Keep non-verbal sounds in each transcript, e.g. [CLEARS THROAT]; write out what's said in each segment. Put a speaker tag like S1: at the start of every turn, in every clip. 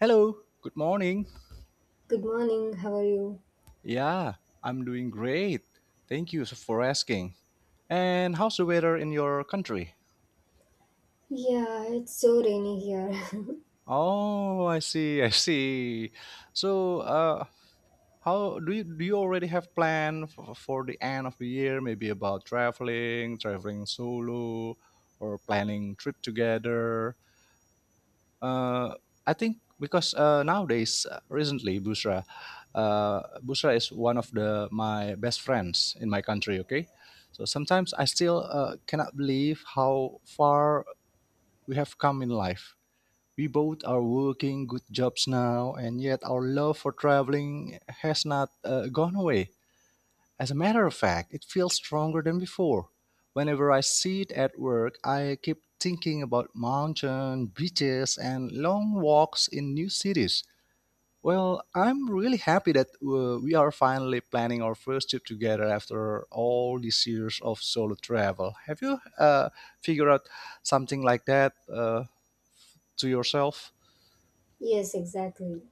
S1: Hello, good morning.
S2: Good morning, how are you?
S1: Yeah, I'm doing great. Thank you for asking. And how's the weather in your country?
S2: Yeah, it's so rainy here.
S1: Oh, I see, I see. So, uh, how do you already have plan for the end of the year? Maybe about traveling, traveling solo, or planning trip together. uh, I think because nowadays, recently, Busra, Busra is one of the my best friends in my country. Okay, so sometimes I still cannot believe how far we have come in life. We both are working good jobs now, and yet our love for traveling has not gone away. As a matter of fact, it feels stronger than before. Whenever I see it at work, I keep thinking about mountains, beaches, and long walks in new cities. Well, I'm really happy that we are finally planning our first trip together after all these years of solo travel. Have you figured out something like that to yourself?
S2: [LAUGHS] Yes, exactly.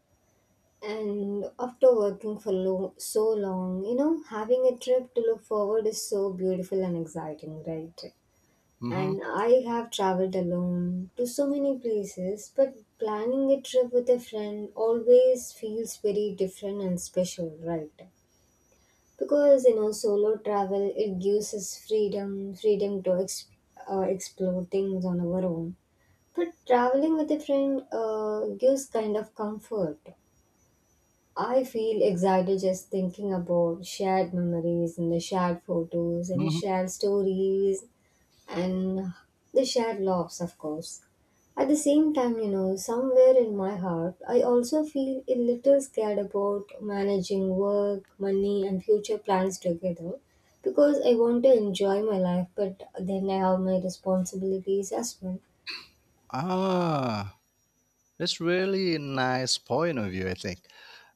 S2: And after working for so long, you know, having a trip to look forward is so beautiful and exciting, right?
S1: Mm-hmm.
S2: And I have traveled alone to so many places, but planning a trip with a friend always feels very different and special, right? Because, you know, solo travel, it gives us freedom, freedom to explore things on our own. But traveling with a friend gives kind of comfort. I feel excited just thinking about shared memories and the shared photos and
S1: Mm-hmm.
S2: shared stories and the shared laughs, of course. At the same time, you know, somewhere in my heart, I also feel a little scared about managing work, money, and future plans together because I want to enjoy my life, but then I have my responsibilities as well.
S1: Ah, that's really nice point of view, I think.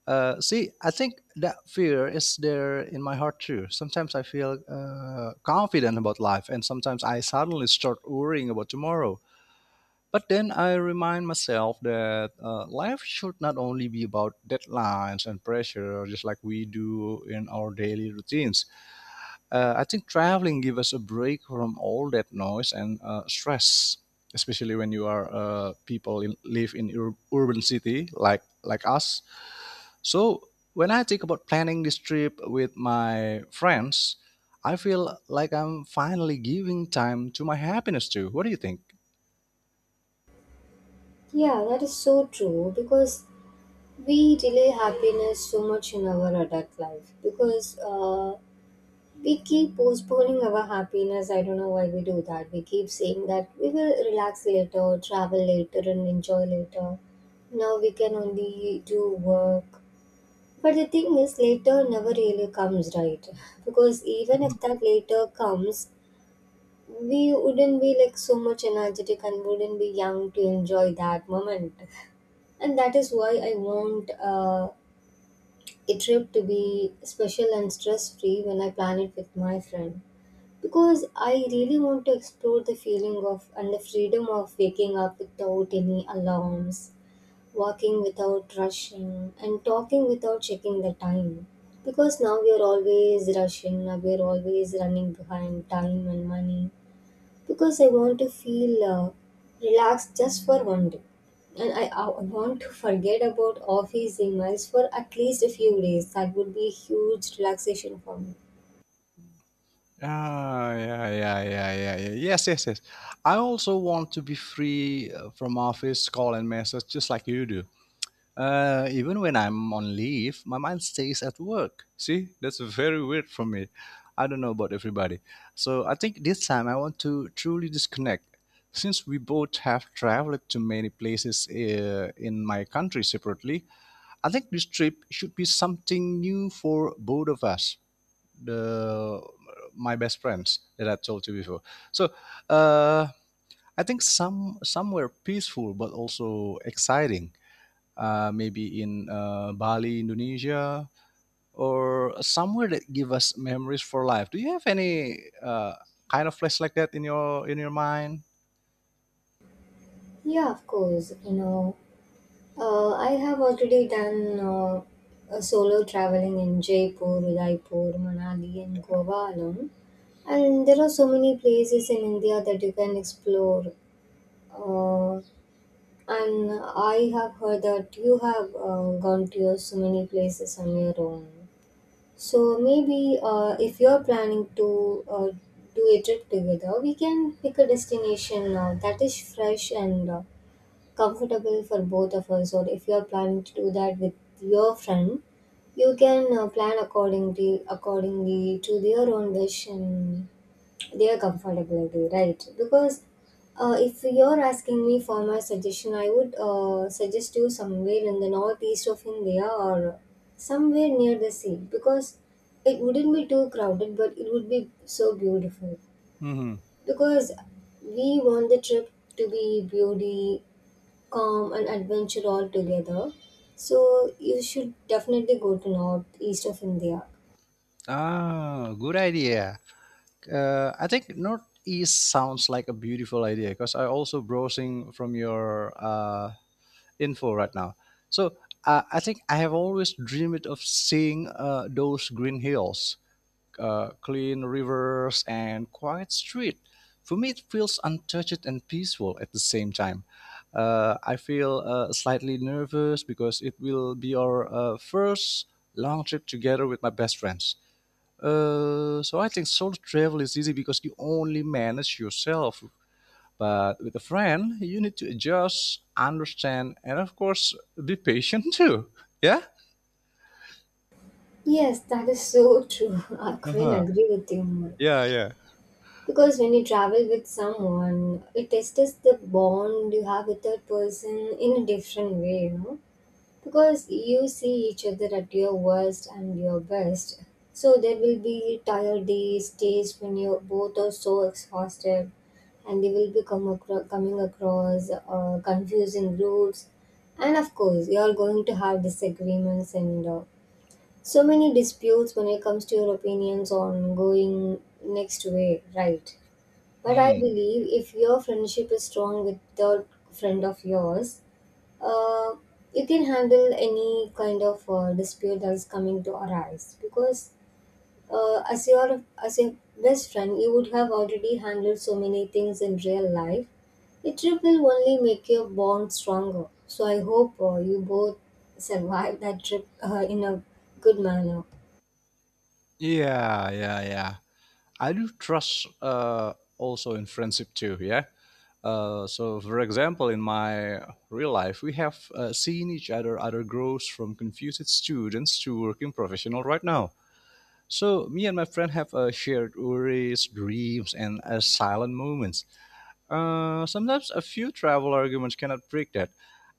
S1: See, I think that fear is there in my heart too. Sometimes I feel confident about life, and sometimes I suddenly start worrying about tomorrow. But then I remind myself that life should not only be about deadlines and pressure, just like we do in our daily routines. I think traveling gives us a break from all that noise and stress, especially when you are people in, live in urban city like us. So when I think about planning this trip with my friends, I feel like I'm finally giving time to my happiness too. What do you think?
S2: Yeah, that is so true because we delay happiness so much in our adult life because we keep postponing our happiness. I don't know why we do that. We keep saying that we will relax later, travel later, and enjoy later. Now we can only do work. But the thing is, later never really comes, right? [LAUGHS] Because even
S1: Mhm.
S2: if that later comes, we wouldn't be like so much energetic and wouldn't be young to enjoy that moment. [LAUGHS] And that is why I want a trip to be special and stress free when I plan it with my friend. Because I really want to explore the feeling of and the freedom of waking up without any alarms, walking without rushing, and talking without checking the time. Because now we are always rushing, now we are always running behind time and money because I want to feel relaxed just for one day. And I want to forget about office emails for at least a few days. That would be a huge relaxation for me.
S1: Ah, yeah, yeah, yeah, yeah, yeah. Yes, yes, yes. I also want to be free from office call and message, just like you do. Even when I'm on leave, my mind stays at work. See, that's very weird for me. I don't know about everybody. So I think this time I want to truly disconnect. Since we both have traveled to many places in my country separately, I think this trip should be something new for both of us, the my best friends that I told you before. So uh, I think somewhere peaceful but also exciting, maybe in Bali, Indonesia, or somewhere that give us memories for life. Do you have any kind of place like that in your mind?
S2: Yeah, of course. You know, I have already done a solo traveling in Jaipur, Udaipur, Manali, and Goa alone. And there are so many places in India that you can explore. Uh, And I have heard that you have gone to so many places on your own. So maybe if you're planning to do a trip together, we can pick a destination that is fresh and comfortable for both of us. Or if you're planning to do that with your friend, you can plan accordingly to their own wish and they are comfortable with, right? Because if you're asking me for my suggestion, I would suggest you somewhere in the northeast of India or somewhere near the sea because it wouldn't be too crowded, but it would be so beautiful.
S1: Hmm.
S2: Because we want the trip to be beauty, calm, and adventure all together. So you should definitely go to northeast of India.
S1: Ah, good idea. I think Northeast sounds like a beautiful idea because I also browsing from your info right now. So I think I have always dreamed of seeing those green hills, clean rivers, and quiet street. For me, it feels untouched and peaceful at the same time. I feel slightly nervous because it will be our first long trip together with my best friends. So I think solo travel is easy because you only manage yourself, but with a friend, you need to adjust, understand, and of course, be patient [LAUGHS] too. Yeah?
S2: Yes, that is so true. [LAUGHS] I couldn't
S1: Uh-huh.
S2: agree with you more.
S1: Yeah, yeah.
S2: Because when you travel with someone, it tests the bond you have with that person in a different way, you know. Because you see each other at your worst and your best. So there will be tired days, days when you both are so exhausted, and they will be coming across confusing routes. And of course, you are going to have disagreements and so many disputes when it comes to your opinions on going next way, right? But I
S1: Hmm.
S2: believe if your friendship is strong with the friend of yours, uh, you can handle any kind of dispute that is coming to arise. Because as your best friend, you would have already handled so many things in real life. The trip will only make your bond stronger. So I hope you both survive that trip in a good manner.
S1: Yeah, yeah, yeah. I do trust also in friendship too. Yeah. So, for example, in my real life, we have seen each other grows from confused students to working professional right now. So, me and my friend have shared worries, dreams, and silent moments. Sometimes a few travel arguments cannot break that.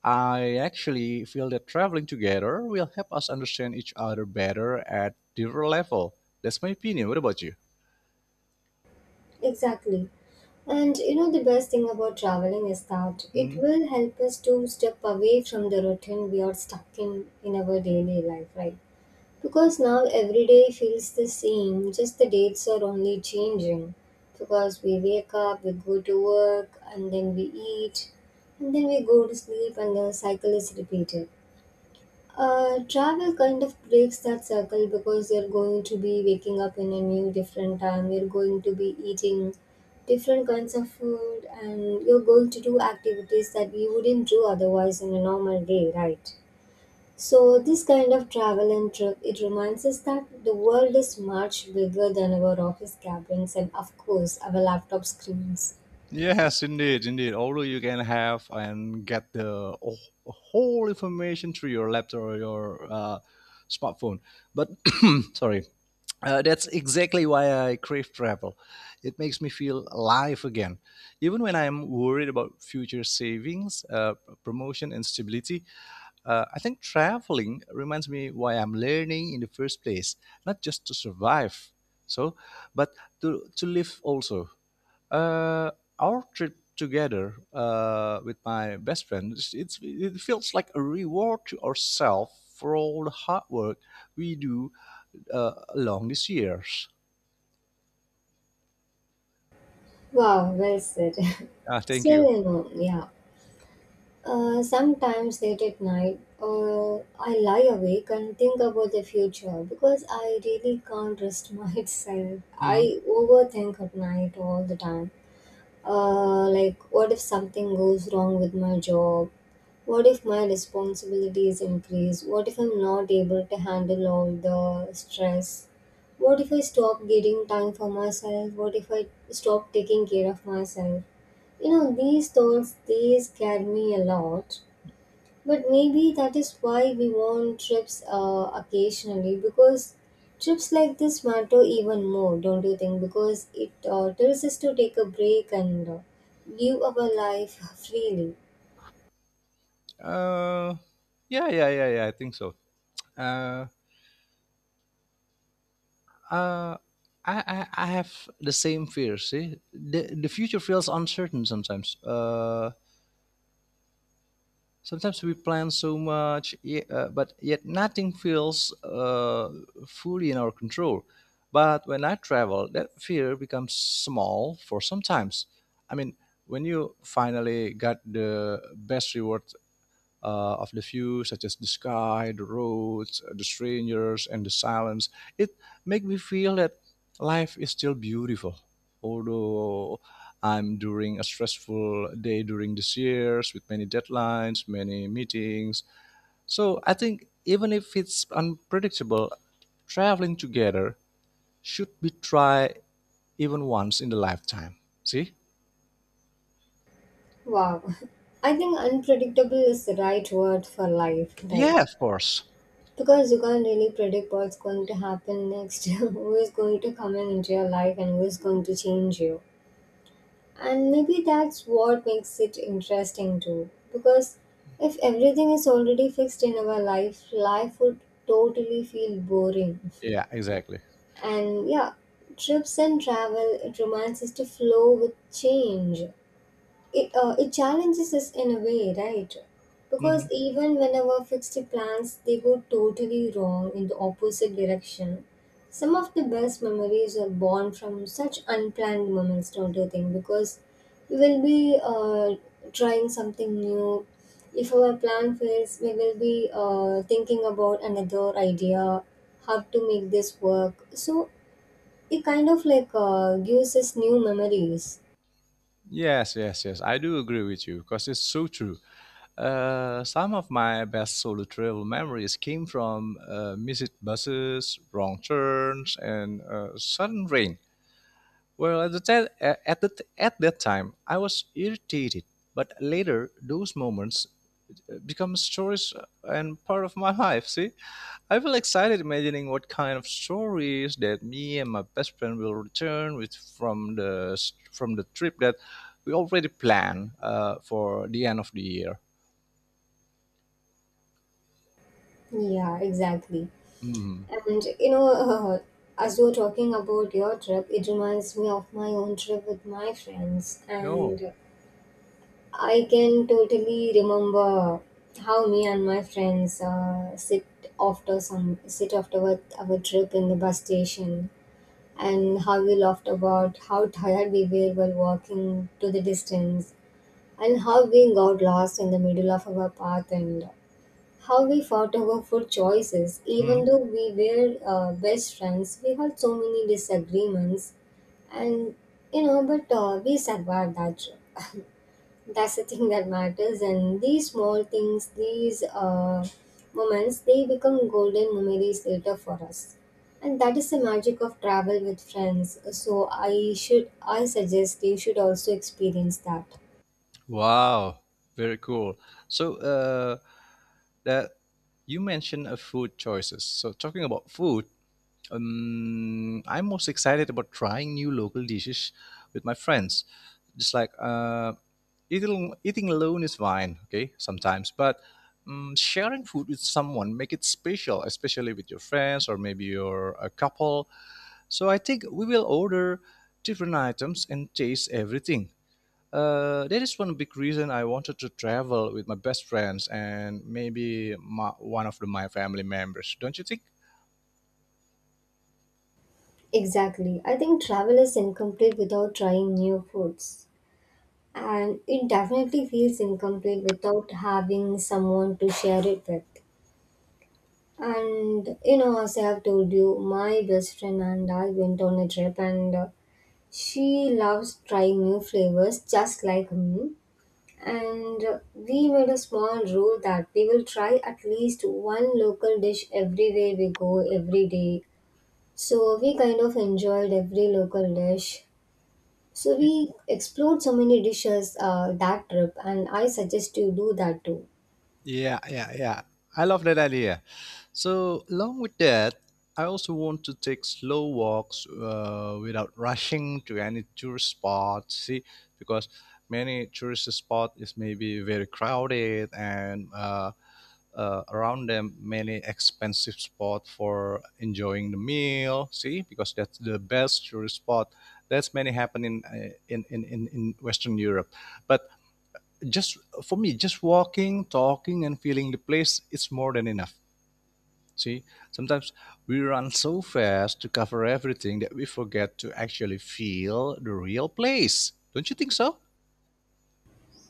S1: I actually feel that traveling together will help us understand each other better at different level. That's my opinion. What about you?
S2: Exactly. And you know, the best thing about traveling is that it
S1: Mhm.
S2: will help us to step away from the routine we are stuck in our daily life, right? Because now every day feels the same, just the dates are only changing. Because we wake up, we go to work, and then we eat, and then we go to sleep, and the cycle is repeated. Travel kind of breaks that circle because you're going to be waking up in a new different time, you're going to be eating different kinds of food, and you're going to do activities that you wouldn't do otherwise in a normal day, right? So, this kind of travel and trip, it reminds us that the world is much bigger than our office cabins and, of course, our laptop screens.
S1: Yes, indeed, indeed. Although you can have and get the whole information through your laptop or your smartphone, but [COUGHS] [CLEARS THROAT] sorry. That's exactly why I crave travel. It makes me feel alive again. Even when I'm worried about future savings, promotion, and stability, I think traveling reminds me why I'm learning in the first place, not just to survive, so but to live also. Uh, our trip together with my best friend, it feels like a reward to ourselves for all the hard work we do along these years.
S2: Wow, well said.
S1: Ah,
S2: [LAUGHS]
S1: thank you.
S2: Still, you know, yeah. Sometimes late at night, I lie awake and think about the future because I really can't trust [LAUGHS] myself.
S1: Mm.
S2: I overthink at night all the time. Like, what if something goes wrong with my job? What if my responsibilities increase? What if I'm not able to handle all the stress? What if I stop getting time for myself? What if I stop taking care of myself? You know, these thoughts, they scare me a lot. But maybe that is why we want trips occasionally because trips like this matter even more, don't you think? Because it tells us to take a break and live our life [LAUGHS] freely.
S1: Uh, yeah, yeah, yeah, yeah. I think so. Uh, uh, I have the same fear. See, the future feels uncertain sometimes. Sometimes we plan so much, but yet nothing feels fully in our control. But when I travel, that fear becomes small for sometimes. I mean, when you finally got the best reward of the view, such as the sky, the roads, the strangers, and the silence. It makes me feel that life is still beautiful, although I'm during a stressful day during this years with many deadlines, many meetings. So I think even if it's unpredictable, traveling together should be tried even once in the lifetime. See?
S2: Wow. [LAUGHS] I think unpredictable is the right word for life,
S1: Yeah,
S2: right?
S1: of course.
S2: Because you can't really predict what's going to happen next, [LAUGHS] who is going to come in into your life, and who is going to change you. And maybe that's what makes it interesting too, because if everything is already fixed in our life, life would totally feel boring.
S1: Yeah, exactly.
S2: And yeah, trips and travel, it reminds us to flow with change. It challenges us in a way, right? Because
S1: Mhm.
S2: even whenever fixed plans, they go totally wrong in the opposite direction, some of the best memories are born from such unplanned moments, don't you think? Because we will be trying something new. If our plan fails, we will be thinking about another idea how to make this work. So it kind of like gives us new memories.
S1: Yes, yes, yes. I do agree with you because it's so true. Some of my best solo travel memories came from missed buses, wrong turns, and sudden rain. Well, at the ta- at the t- at that time, I was irritated, but later those moments become stories and part of my [LAUGHS] life. See, I feel excited imagining what kind of stories that me and my best friend will return with from the trip that we already planned for the end of the year.
S2: Yeah, exactly.
S1: Hmm.
S2: And you know, as you were talking about your trip, it reminds me of my own trip with my friends.
S1: Oh.
S2: And I can totally remember how me and my friends sit after some sit after our trip in the bus station, and how we laughed about how tired we were while walking to the distance, and how we got lost in the middle of our path and how we fought over food choices. Even
S1: Mhm.
S2: though we were best friends, we had so many disagreements, and you know, but we survived that trip. That's the [LAUGHS] thing that matters, and these small things, these moments, they become golden memories later for us. And that is the magic of travel with friends. So I suggest you should also experience that.
S1: Wow, very cool. So that you mentioned a food choices. So talking about food, I'm most excited about trying new local dishes with my friends. Just like eating alone is fine, okay, sometimes, but sharing food with someone make it special, especially with your friends or maybe your a couple. So I think we will order different items and taste everything. That is one big reason I wanted to travel with my best friends and maybe my, one of the, my family members. Don't you think?
S2: Exactly. I think travel is incomplete without trying new foods, and it definitely feels incomplete without having someone to share it with. And you know, as I have told you, my best friend and I went on a trip, and she loves trying new flavors just like me. And we made a small rule that we will try at least one local dish everywhere we go every day. So we kind of enjoyed every local dish, so we explored so many dishes that trip, and I suggest you do that too.
S1: Yeah, yeah, yeah. I love that idea. So, along with that, I also want to take slow walks without rushing to any tourist spot. See, because many tourist spot is maybe very crowded and around them many expensive spot for enjoying the meal. See, because that's the best tourist spot. That's many happen in in Western Europe, but just for me just walking talking and feeling the place is more than enough. See, sometimes we run so fast to cover everything that we forget to actually feel the real place, don't you think so?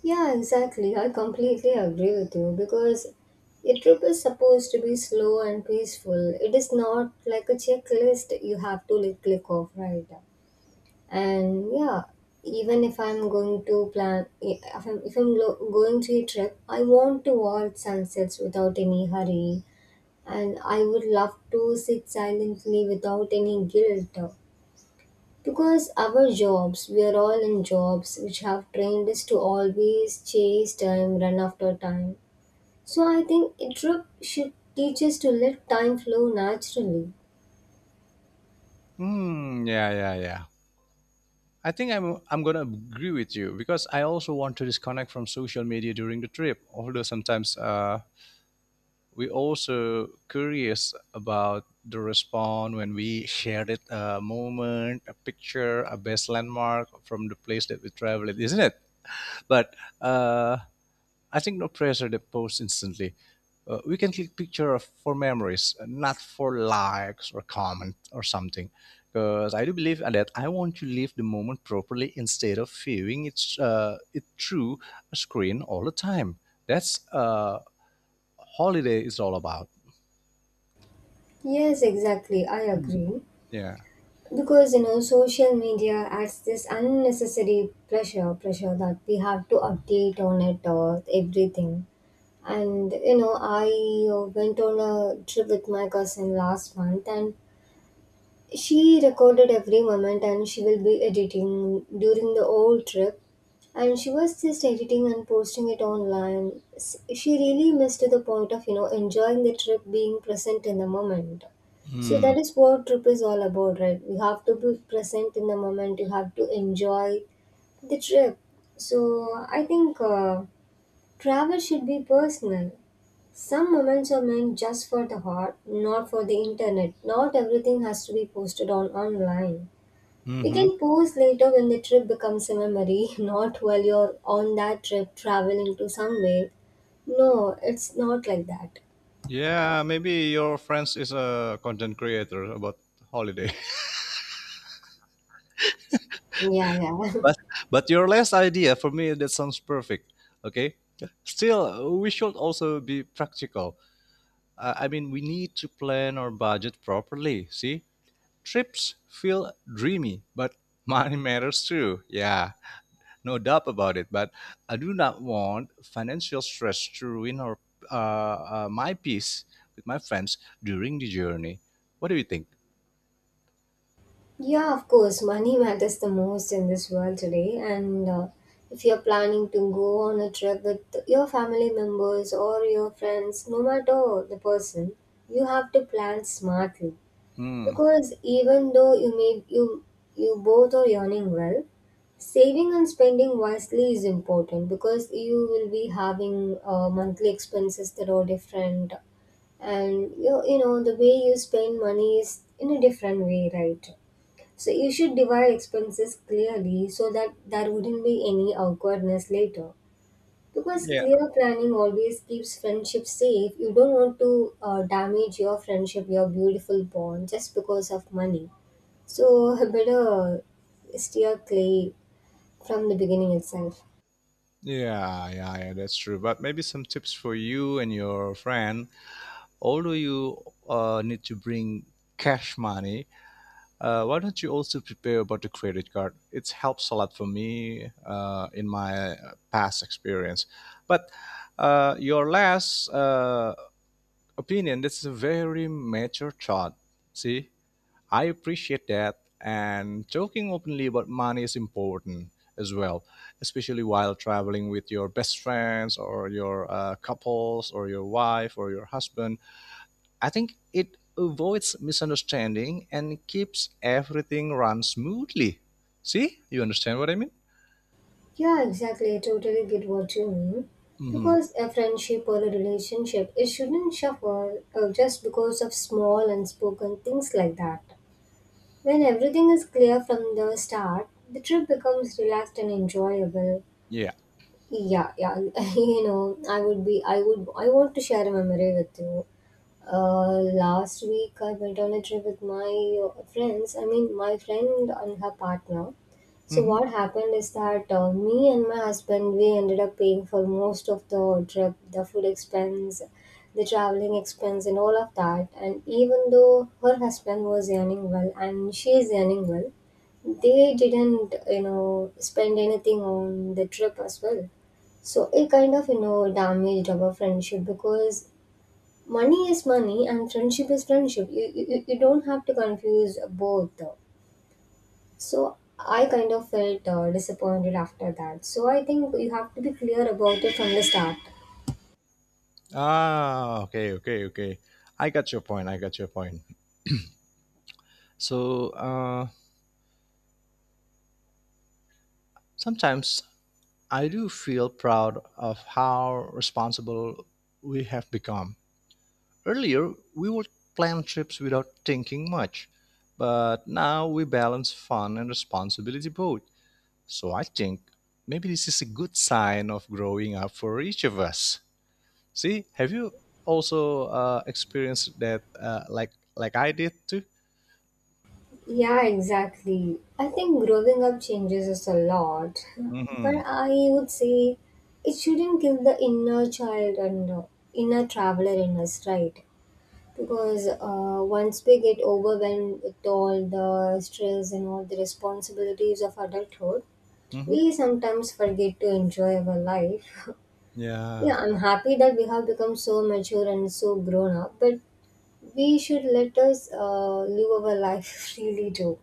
S2: Yeah, exactly. I completely agree with you because a trip is supposed to be slow and peaceful. It is not like a checklist you have to like click off, right? And yeah, even if I'm going to plan, if I'm lo- going to a trip, I want to watch sunsets without any hurry, and I would love to sit silently without any guilt. Because our jobs, we are all in jobs which have trained us to always chase time, run after time. So I think a trip should teach us to let time flow naturally.
S1: Hmm. Yeah. Yeah. Yeah. I think I'm gonna agree with you because I also want to disconnect from social media during the trip. Although sometimes we also curious about the response when we shared it a moment a picture a best landmark from the place that we traveled, isn't it? But uh, I think no pressure to post instantly. We can click picture for memories, not for likes or comment or something, because I do believe that I want to live the moment properly instead of viewing it through a screen all the time. That's holiday is all about.
S2: Yes, exactly. I agree.
S1: Yeah.
S2: Because you know, social media adds this unnecessary pressure, pressure that we have to update on it or everything. And you know, I went on a trip with my cousin last month, and she recorded every moment and she will be editing during the whole trip. And she was just editing and posting it online. She really missed the point of, you know, enjoying the trip, being present in the moment. So
S1: Mm.
S2: that is what trip is all about, right? You have to be present in the moment. You have to enjoy the trip. So I think travel should be personal. Some moments are meant just for the heart, not for the internet. Not everything has to be posted on online.
S1: Hmm.
S2: We
S1: Mm-hmm.
S2: can post later when the trip becomes a memory, [LAUGHS] not while you're on that trip traveling to somewhere. No, it's not like that.
S1: Yeah, maybe your friends is a content creator about holiday. [LAUGHS]
S2: Yeah, yeah.
S1: But your last idea for me that sounds perfect. Okay. Still, we should also be practical. I mean, we need to plan our budget properly. See, trips feel dreamy, but [LAUGHS] money matters too. Yeah. No doubt about it. But I do not want financial stress to ruin my peace with my friends during the journey. What do you think?
S2: [LAUGHS] Yeah, of course, money matters the most in this world today. And if you're planning to go on a trip with your family members or your friends, no matter the person, you have to plan smartly.
S1: Hmm.
S2: Because even though you may you you both are earning well, saving and spending wisely is important because you will be having monthly expenses that are different, and you know the way you spend money is in a different way, right? So you should divide expenses clearly so that there wouldn't be any awkwardness later. Because
S1: Yeah,
S2: clear planning always keeps friendship safe. You don't want to damage your friendship, your beautiful bond, just because of money. So I better steer clear from the beginning itself.
S1: yeah, yeah, yeah, that's true. But maybe some tips for you and your friend. Although you need to bring cash money, why don't you also prepare about the credit card? It helps a lot for me in my past experience. But your last opinion, this is a very mature thought. See, I appreciate that, and talking openly about money is important as well, especially while traveling with your best friends or your couples or your wife or your husband. I think it avoids misunderstanding and keeps everything run smoothly. See, you understand what I mean?
S2: Yeah, exactly. I totally get what you mean.
S1: Hmm.
S2: Because a friendship or a relationship, it shouldn't suffer just because of small unspoken things like that. When everything is clear from the start, the trip becomes relaxed and enjoyable.
S1: Yeah.
S2: Yeah, yeah. [LAUGHS] You know, I would be I would I want to share a memory with you. Last week I went on a trip with my friends, I mean my friend and her partner. So
S1: Hmm.
S2: what happened is that, me and my husband, we ended up paying for most of the trip, the food expense, the traveling expense, and all of that. And even though her husband was earning well and she is earning well, they didn't, you know, spend anything on the trip as well. So it kind of, you know, damaged our friendship because money is money and friendship is friendship. You don't have to confuse both. So I kind of felt disappointed after that. So I think you have to be clear about it from the start.
S1: Ah, okay, okay, okay. I got your point, I got your point. So sometimes I do feel proud of how responsible we have become. Earlier, we would plan trips without thinking much, but now we balance fun and responsibility both. So I think maybe this is a good sign of growing up for each of us. See, have you also experienced that uh, like I did too?
S2: Yeah, exactly. I think growing up changes us a lot, but
S1: Mm-hmm.
S2: I would say it shouldn't kill the inner child and inner traveler in us, right? Because once we get overwhelmed with all the stress and all the responsibilities of adulthood,
S1: Mm-hmm.
S2: we sometimes forget to enjoy our life. [LAUGHS]
S1: Yeah.
S2: Yeah, I'm happy that we have become so mature and so grown up, but we should let us live our life [LAUGHS] freely too.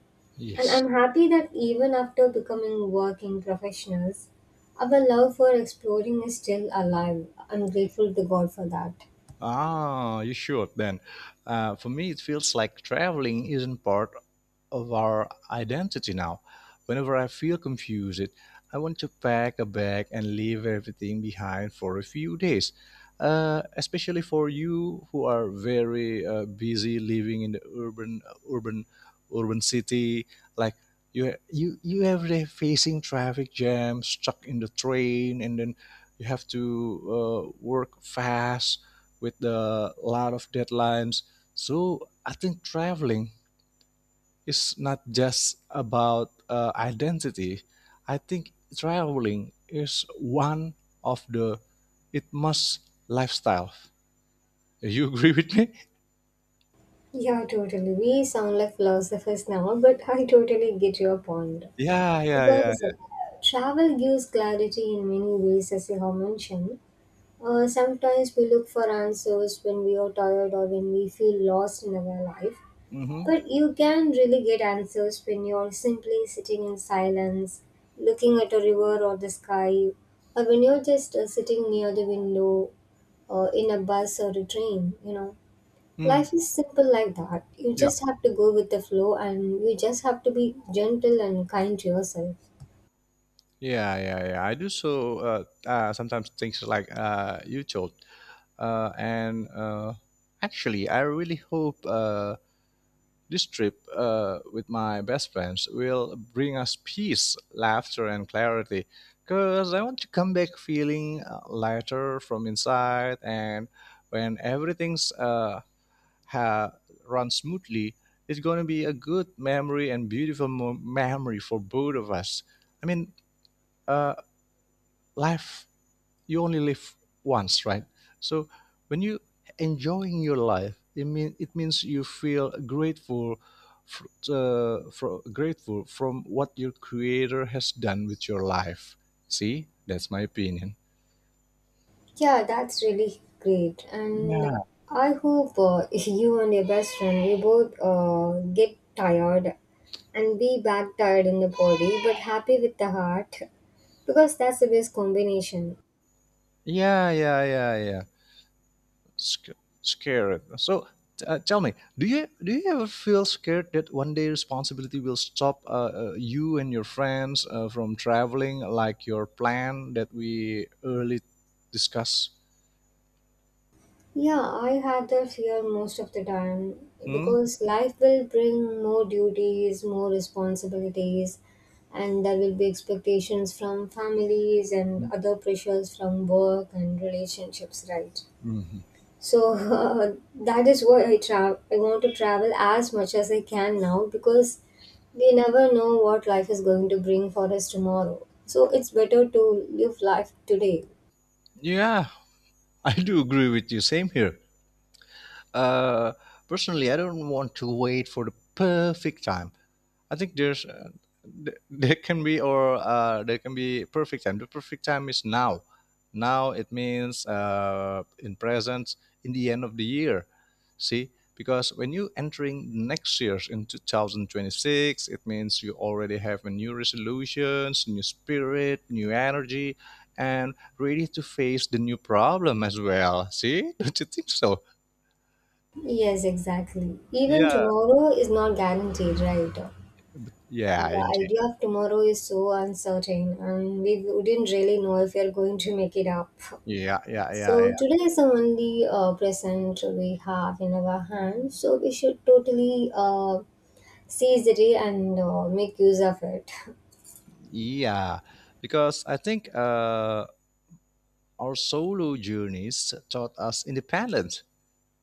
S2: And
S1: Yes.
S2: I'm happy that even after becoming working professionals, our love for exploring is still alive. I'm grateful to God for that.
S1: Ah, you should then. For me, it feels like traveling isn't part of our identity now. Whenever I feel confused, I want to pack a bag and leave everything behind for a few days. Especially for you who are very busy living in the urban, urban city, like you every day facing traffic jam, stuck in the train, and then you have to work fast with a lot of deadlines. So I think traveling, it's not just about identity. I think traveling is one of the it must lifestyle. You agree with me?
S2: Yeah, totally. We sound like philosophers now, but [LAUGHS] I totally get your point.
S1: Yeah, yeah, yeah,
S2: Because
S1: yeah.
S2: travel gives clarity in many ways, as you have mentioned. Sometimes we look for answers when we are tired or when we feel lost in our life.
S1: Mm-hmm.
S2: But you can really get answers when you're simply sitting in silence, looking at a river or the sky, or when you're just sitting near the window or in a bus or a train, you know.
S1: Mm.
S2: Life is simple like that. You
S1: Yeah,
S2: just have to go with the flow and you just have to be gentle and kind to yourself.
S1: yeah, yeah, yeah. I do so. Sometimes things like you told, and actually, I really hope this trip with my best friends will bring us peace, laughter, and clarity. Because I want to come back feeling lighter from inside, and when everything's ha- runs smoothly, it's going to be a good memory and beautiful memory for both of us. I mean, uh, life, you only live once, right? So when you enjoying your life, it means you feel grateful, for, for grateful from what your creator has done with your life. See, that's my opinion.
S2: Yeah, that's really great. And
S1: Yeah,
S2: I hope [LAUGHS] you and your best friend, you both get tired and be back tired in the body but happy with the heart, because that's the best combination.
S1: yeah, yeah, yeah, yeah. Sc- Scared. So tell me, do you ever feel scared that one day responsibility will stop you and your friends from traveling like your plan that we early discussed?
S2: Yeah, I have that fear most of the time
S1: Hmm?
S2: because life will bring more duties, more responsibilities, and there will be expectations from families and other pressures from work and relationships, right?
S1: Mhm.
S2: So [LAUGHS] that is why I travel. I want to travel as much as I can now because we never know what life is going to bring for us tomorrow. So it's better to live life today.
S1: Yeah, I do agree with you. Same here. Uh, Personally, I don't want to wait for the perfect time. I think there can be, or there can be perfect time. The perfect time is now. Now it means in present, in the end of the year. See, because when you entering next year's in 2026, it means you already have a new resolutions, new spirit, new energy, and ready to face the new problem as well. See, [LAUGHS] don't you think so?
S2: Yes, exactly. Even
S1: Yeah,
S2: tomorrow is not guaranteed, right?
S1: yeah,
S2: The
S1: indeed.
S2: idea of tomorrow is so uncertain, and we wouldn't really know if we are going to make it up.
S1: Yeah, yeah, yeah,
S2: So
S1: yeah.
S2: today is the only present we have in our hands, so we should totally seize the day and make use of it. [LAUGHS]
S1: Yeah, because I think our solo journeys taught us independence,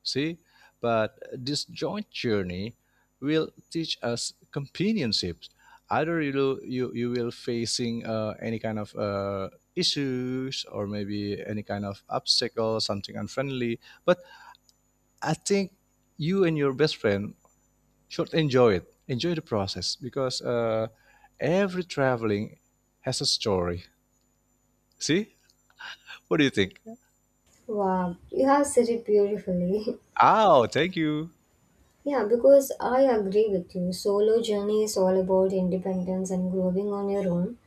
S1: see? But this joint journey will teach us companionships. Either you will, you will facing any kind of issues or maybe any kind of obstacle, something unfriendly. But I think you and your best friend should enjoy it. Enjoy the process because every traveling has a story. See? What do you think?
S2: Wow, you have said it beautifully. [LAUGHS]
S1: Oh, thank you.
S2: Yeah, because I agree with you. Solo journey is all about independence and growing on your own.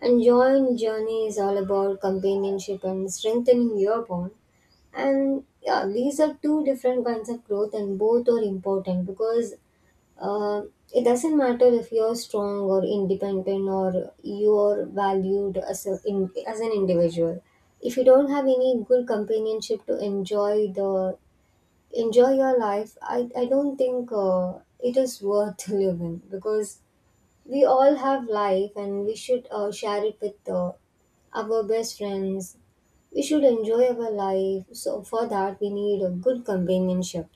S2: And joint journey is all about companionship and strengthening your bond. And yeah, these are two different kinds of growth, and both are important because uh, it doesn't matter if you're strong or independent or you're valued as, a, in, as an individual. If you don't have any good companionship to enjoy your life, I don't think it is worth [LAUGHS] living, because we all have life and we should share it with our best friends. We should enjoy our life, so for that we need a good companionship.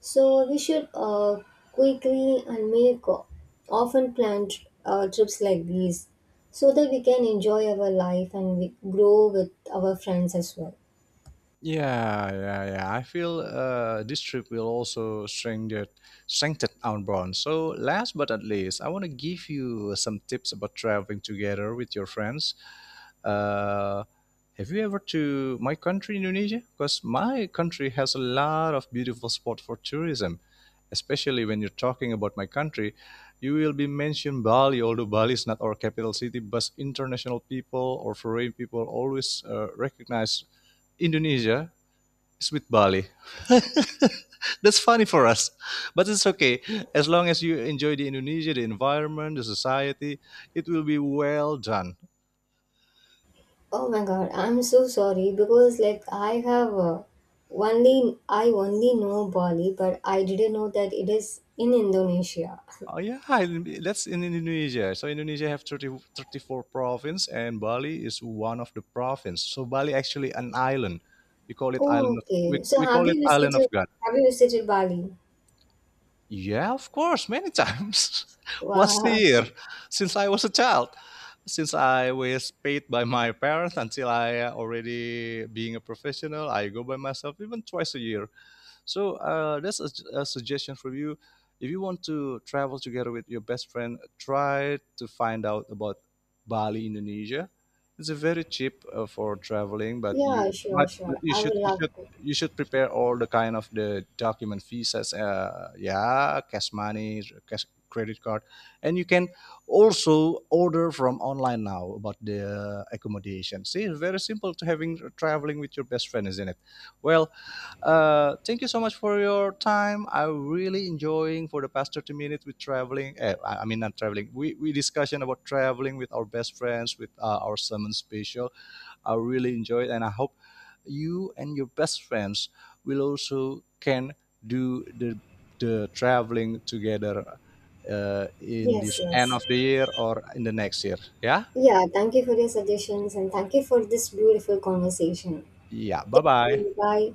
S2: So we should quickly and make often planned trips like these, so that we can enjoy our life and we grow with our friends as well.
S1: Yeah, yeah, yeah. I feel this trip will also strengthen our bond. So, last but not least, I want to give you some tips about traveling together with your friends. Uh, have you ever to my country, Indonesia? Because my country has a lot of beautiful spot for tourism. Especially when you're talking about my country, you will be mentioned Bali. Although Bali is not our capital city, but international people or foreign people always recognize Indonesia, it's with Bali. [LAUGHS] That's funny for us, but it's okay. As long as you enjoy the Indonesia, the environment, the society, it will be well done.
S2: Oh my god, I'm so sorry because like I have only I only know Bali, but I didn't know that it is in Indonesia.
S1: Oh yeah, that's in Indonesia. So Indonesia have thirty four 34 province, and Bali is one of the province. So Bali actually an island. We call it island
S2: Oh,
S1: of we,
S2: okay. So
S1: we call it island of God.
S2: have you visited Bali?
S1: Yeah, of course, many times. [LAUGHS] Once a
S2: Wow.
S1: year,
S2: [LAUGHS]
S1: since I was a child, since I was paid by my parents until I already being a professional, I go by myself even twice a year. So that's a suggestion for you. If you want to travel together with your best friend, try to find out about Bali, Indonesia. It's a very cheap for traveling,
S2: Yeah, sure,
S1: but
S2: sure.
S1: you
S2: I would
S1: should you
S2: love
S1: should
S2: to.
S1: you should prepare all the kind of the document visas, yeah, cash money, cash credit card, and you can also order from online now about the accommodation. See, it's very simple to having traveling with your best friend, isn't it? Well, thank you so much for your time. I'm really enjoying for the past 30 minutes with traveling. I mean, not traveling. We discussion about traveling with our best friends, with our summon special. I really enjoyed, and I hope you and your best friends will also can do the traveling together in
S2: Yes,
S1: this end
S2: yes.
S1: of the year or in the next year. Yeah,
S2: Yeah, thank you for your suggestions and thank you for this beautiful conversation.
S1: yeah. Bye bye.
S2: Bye.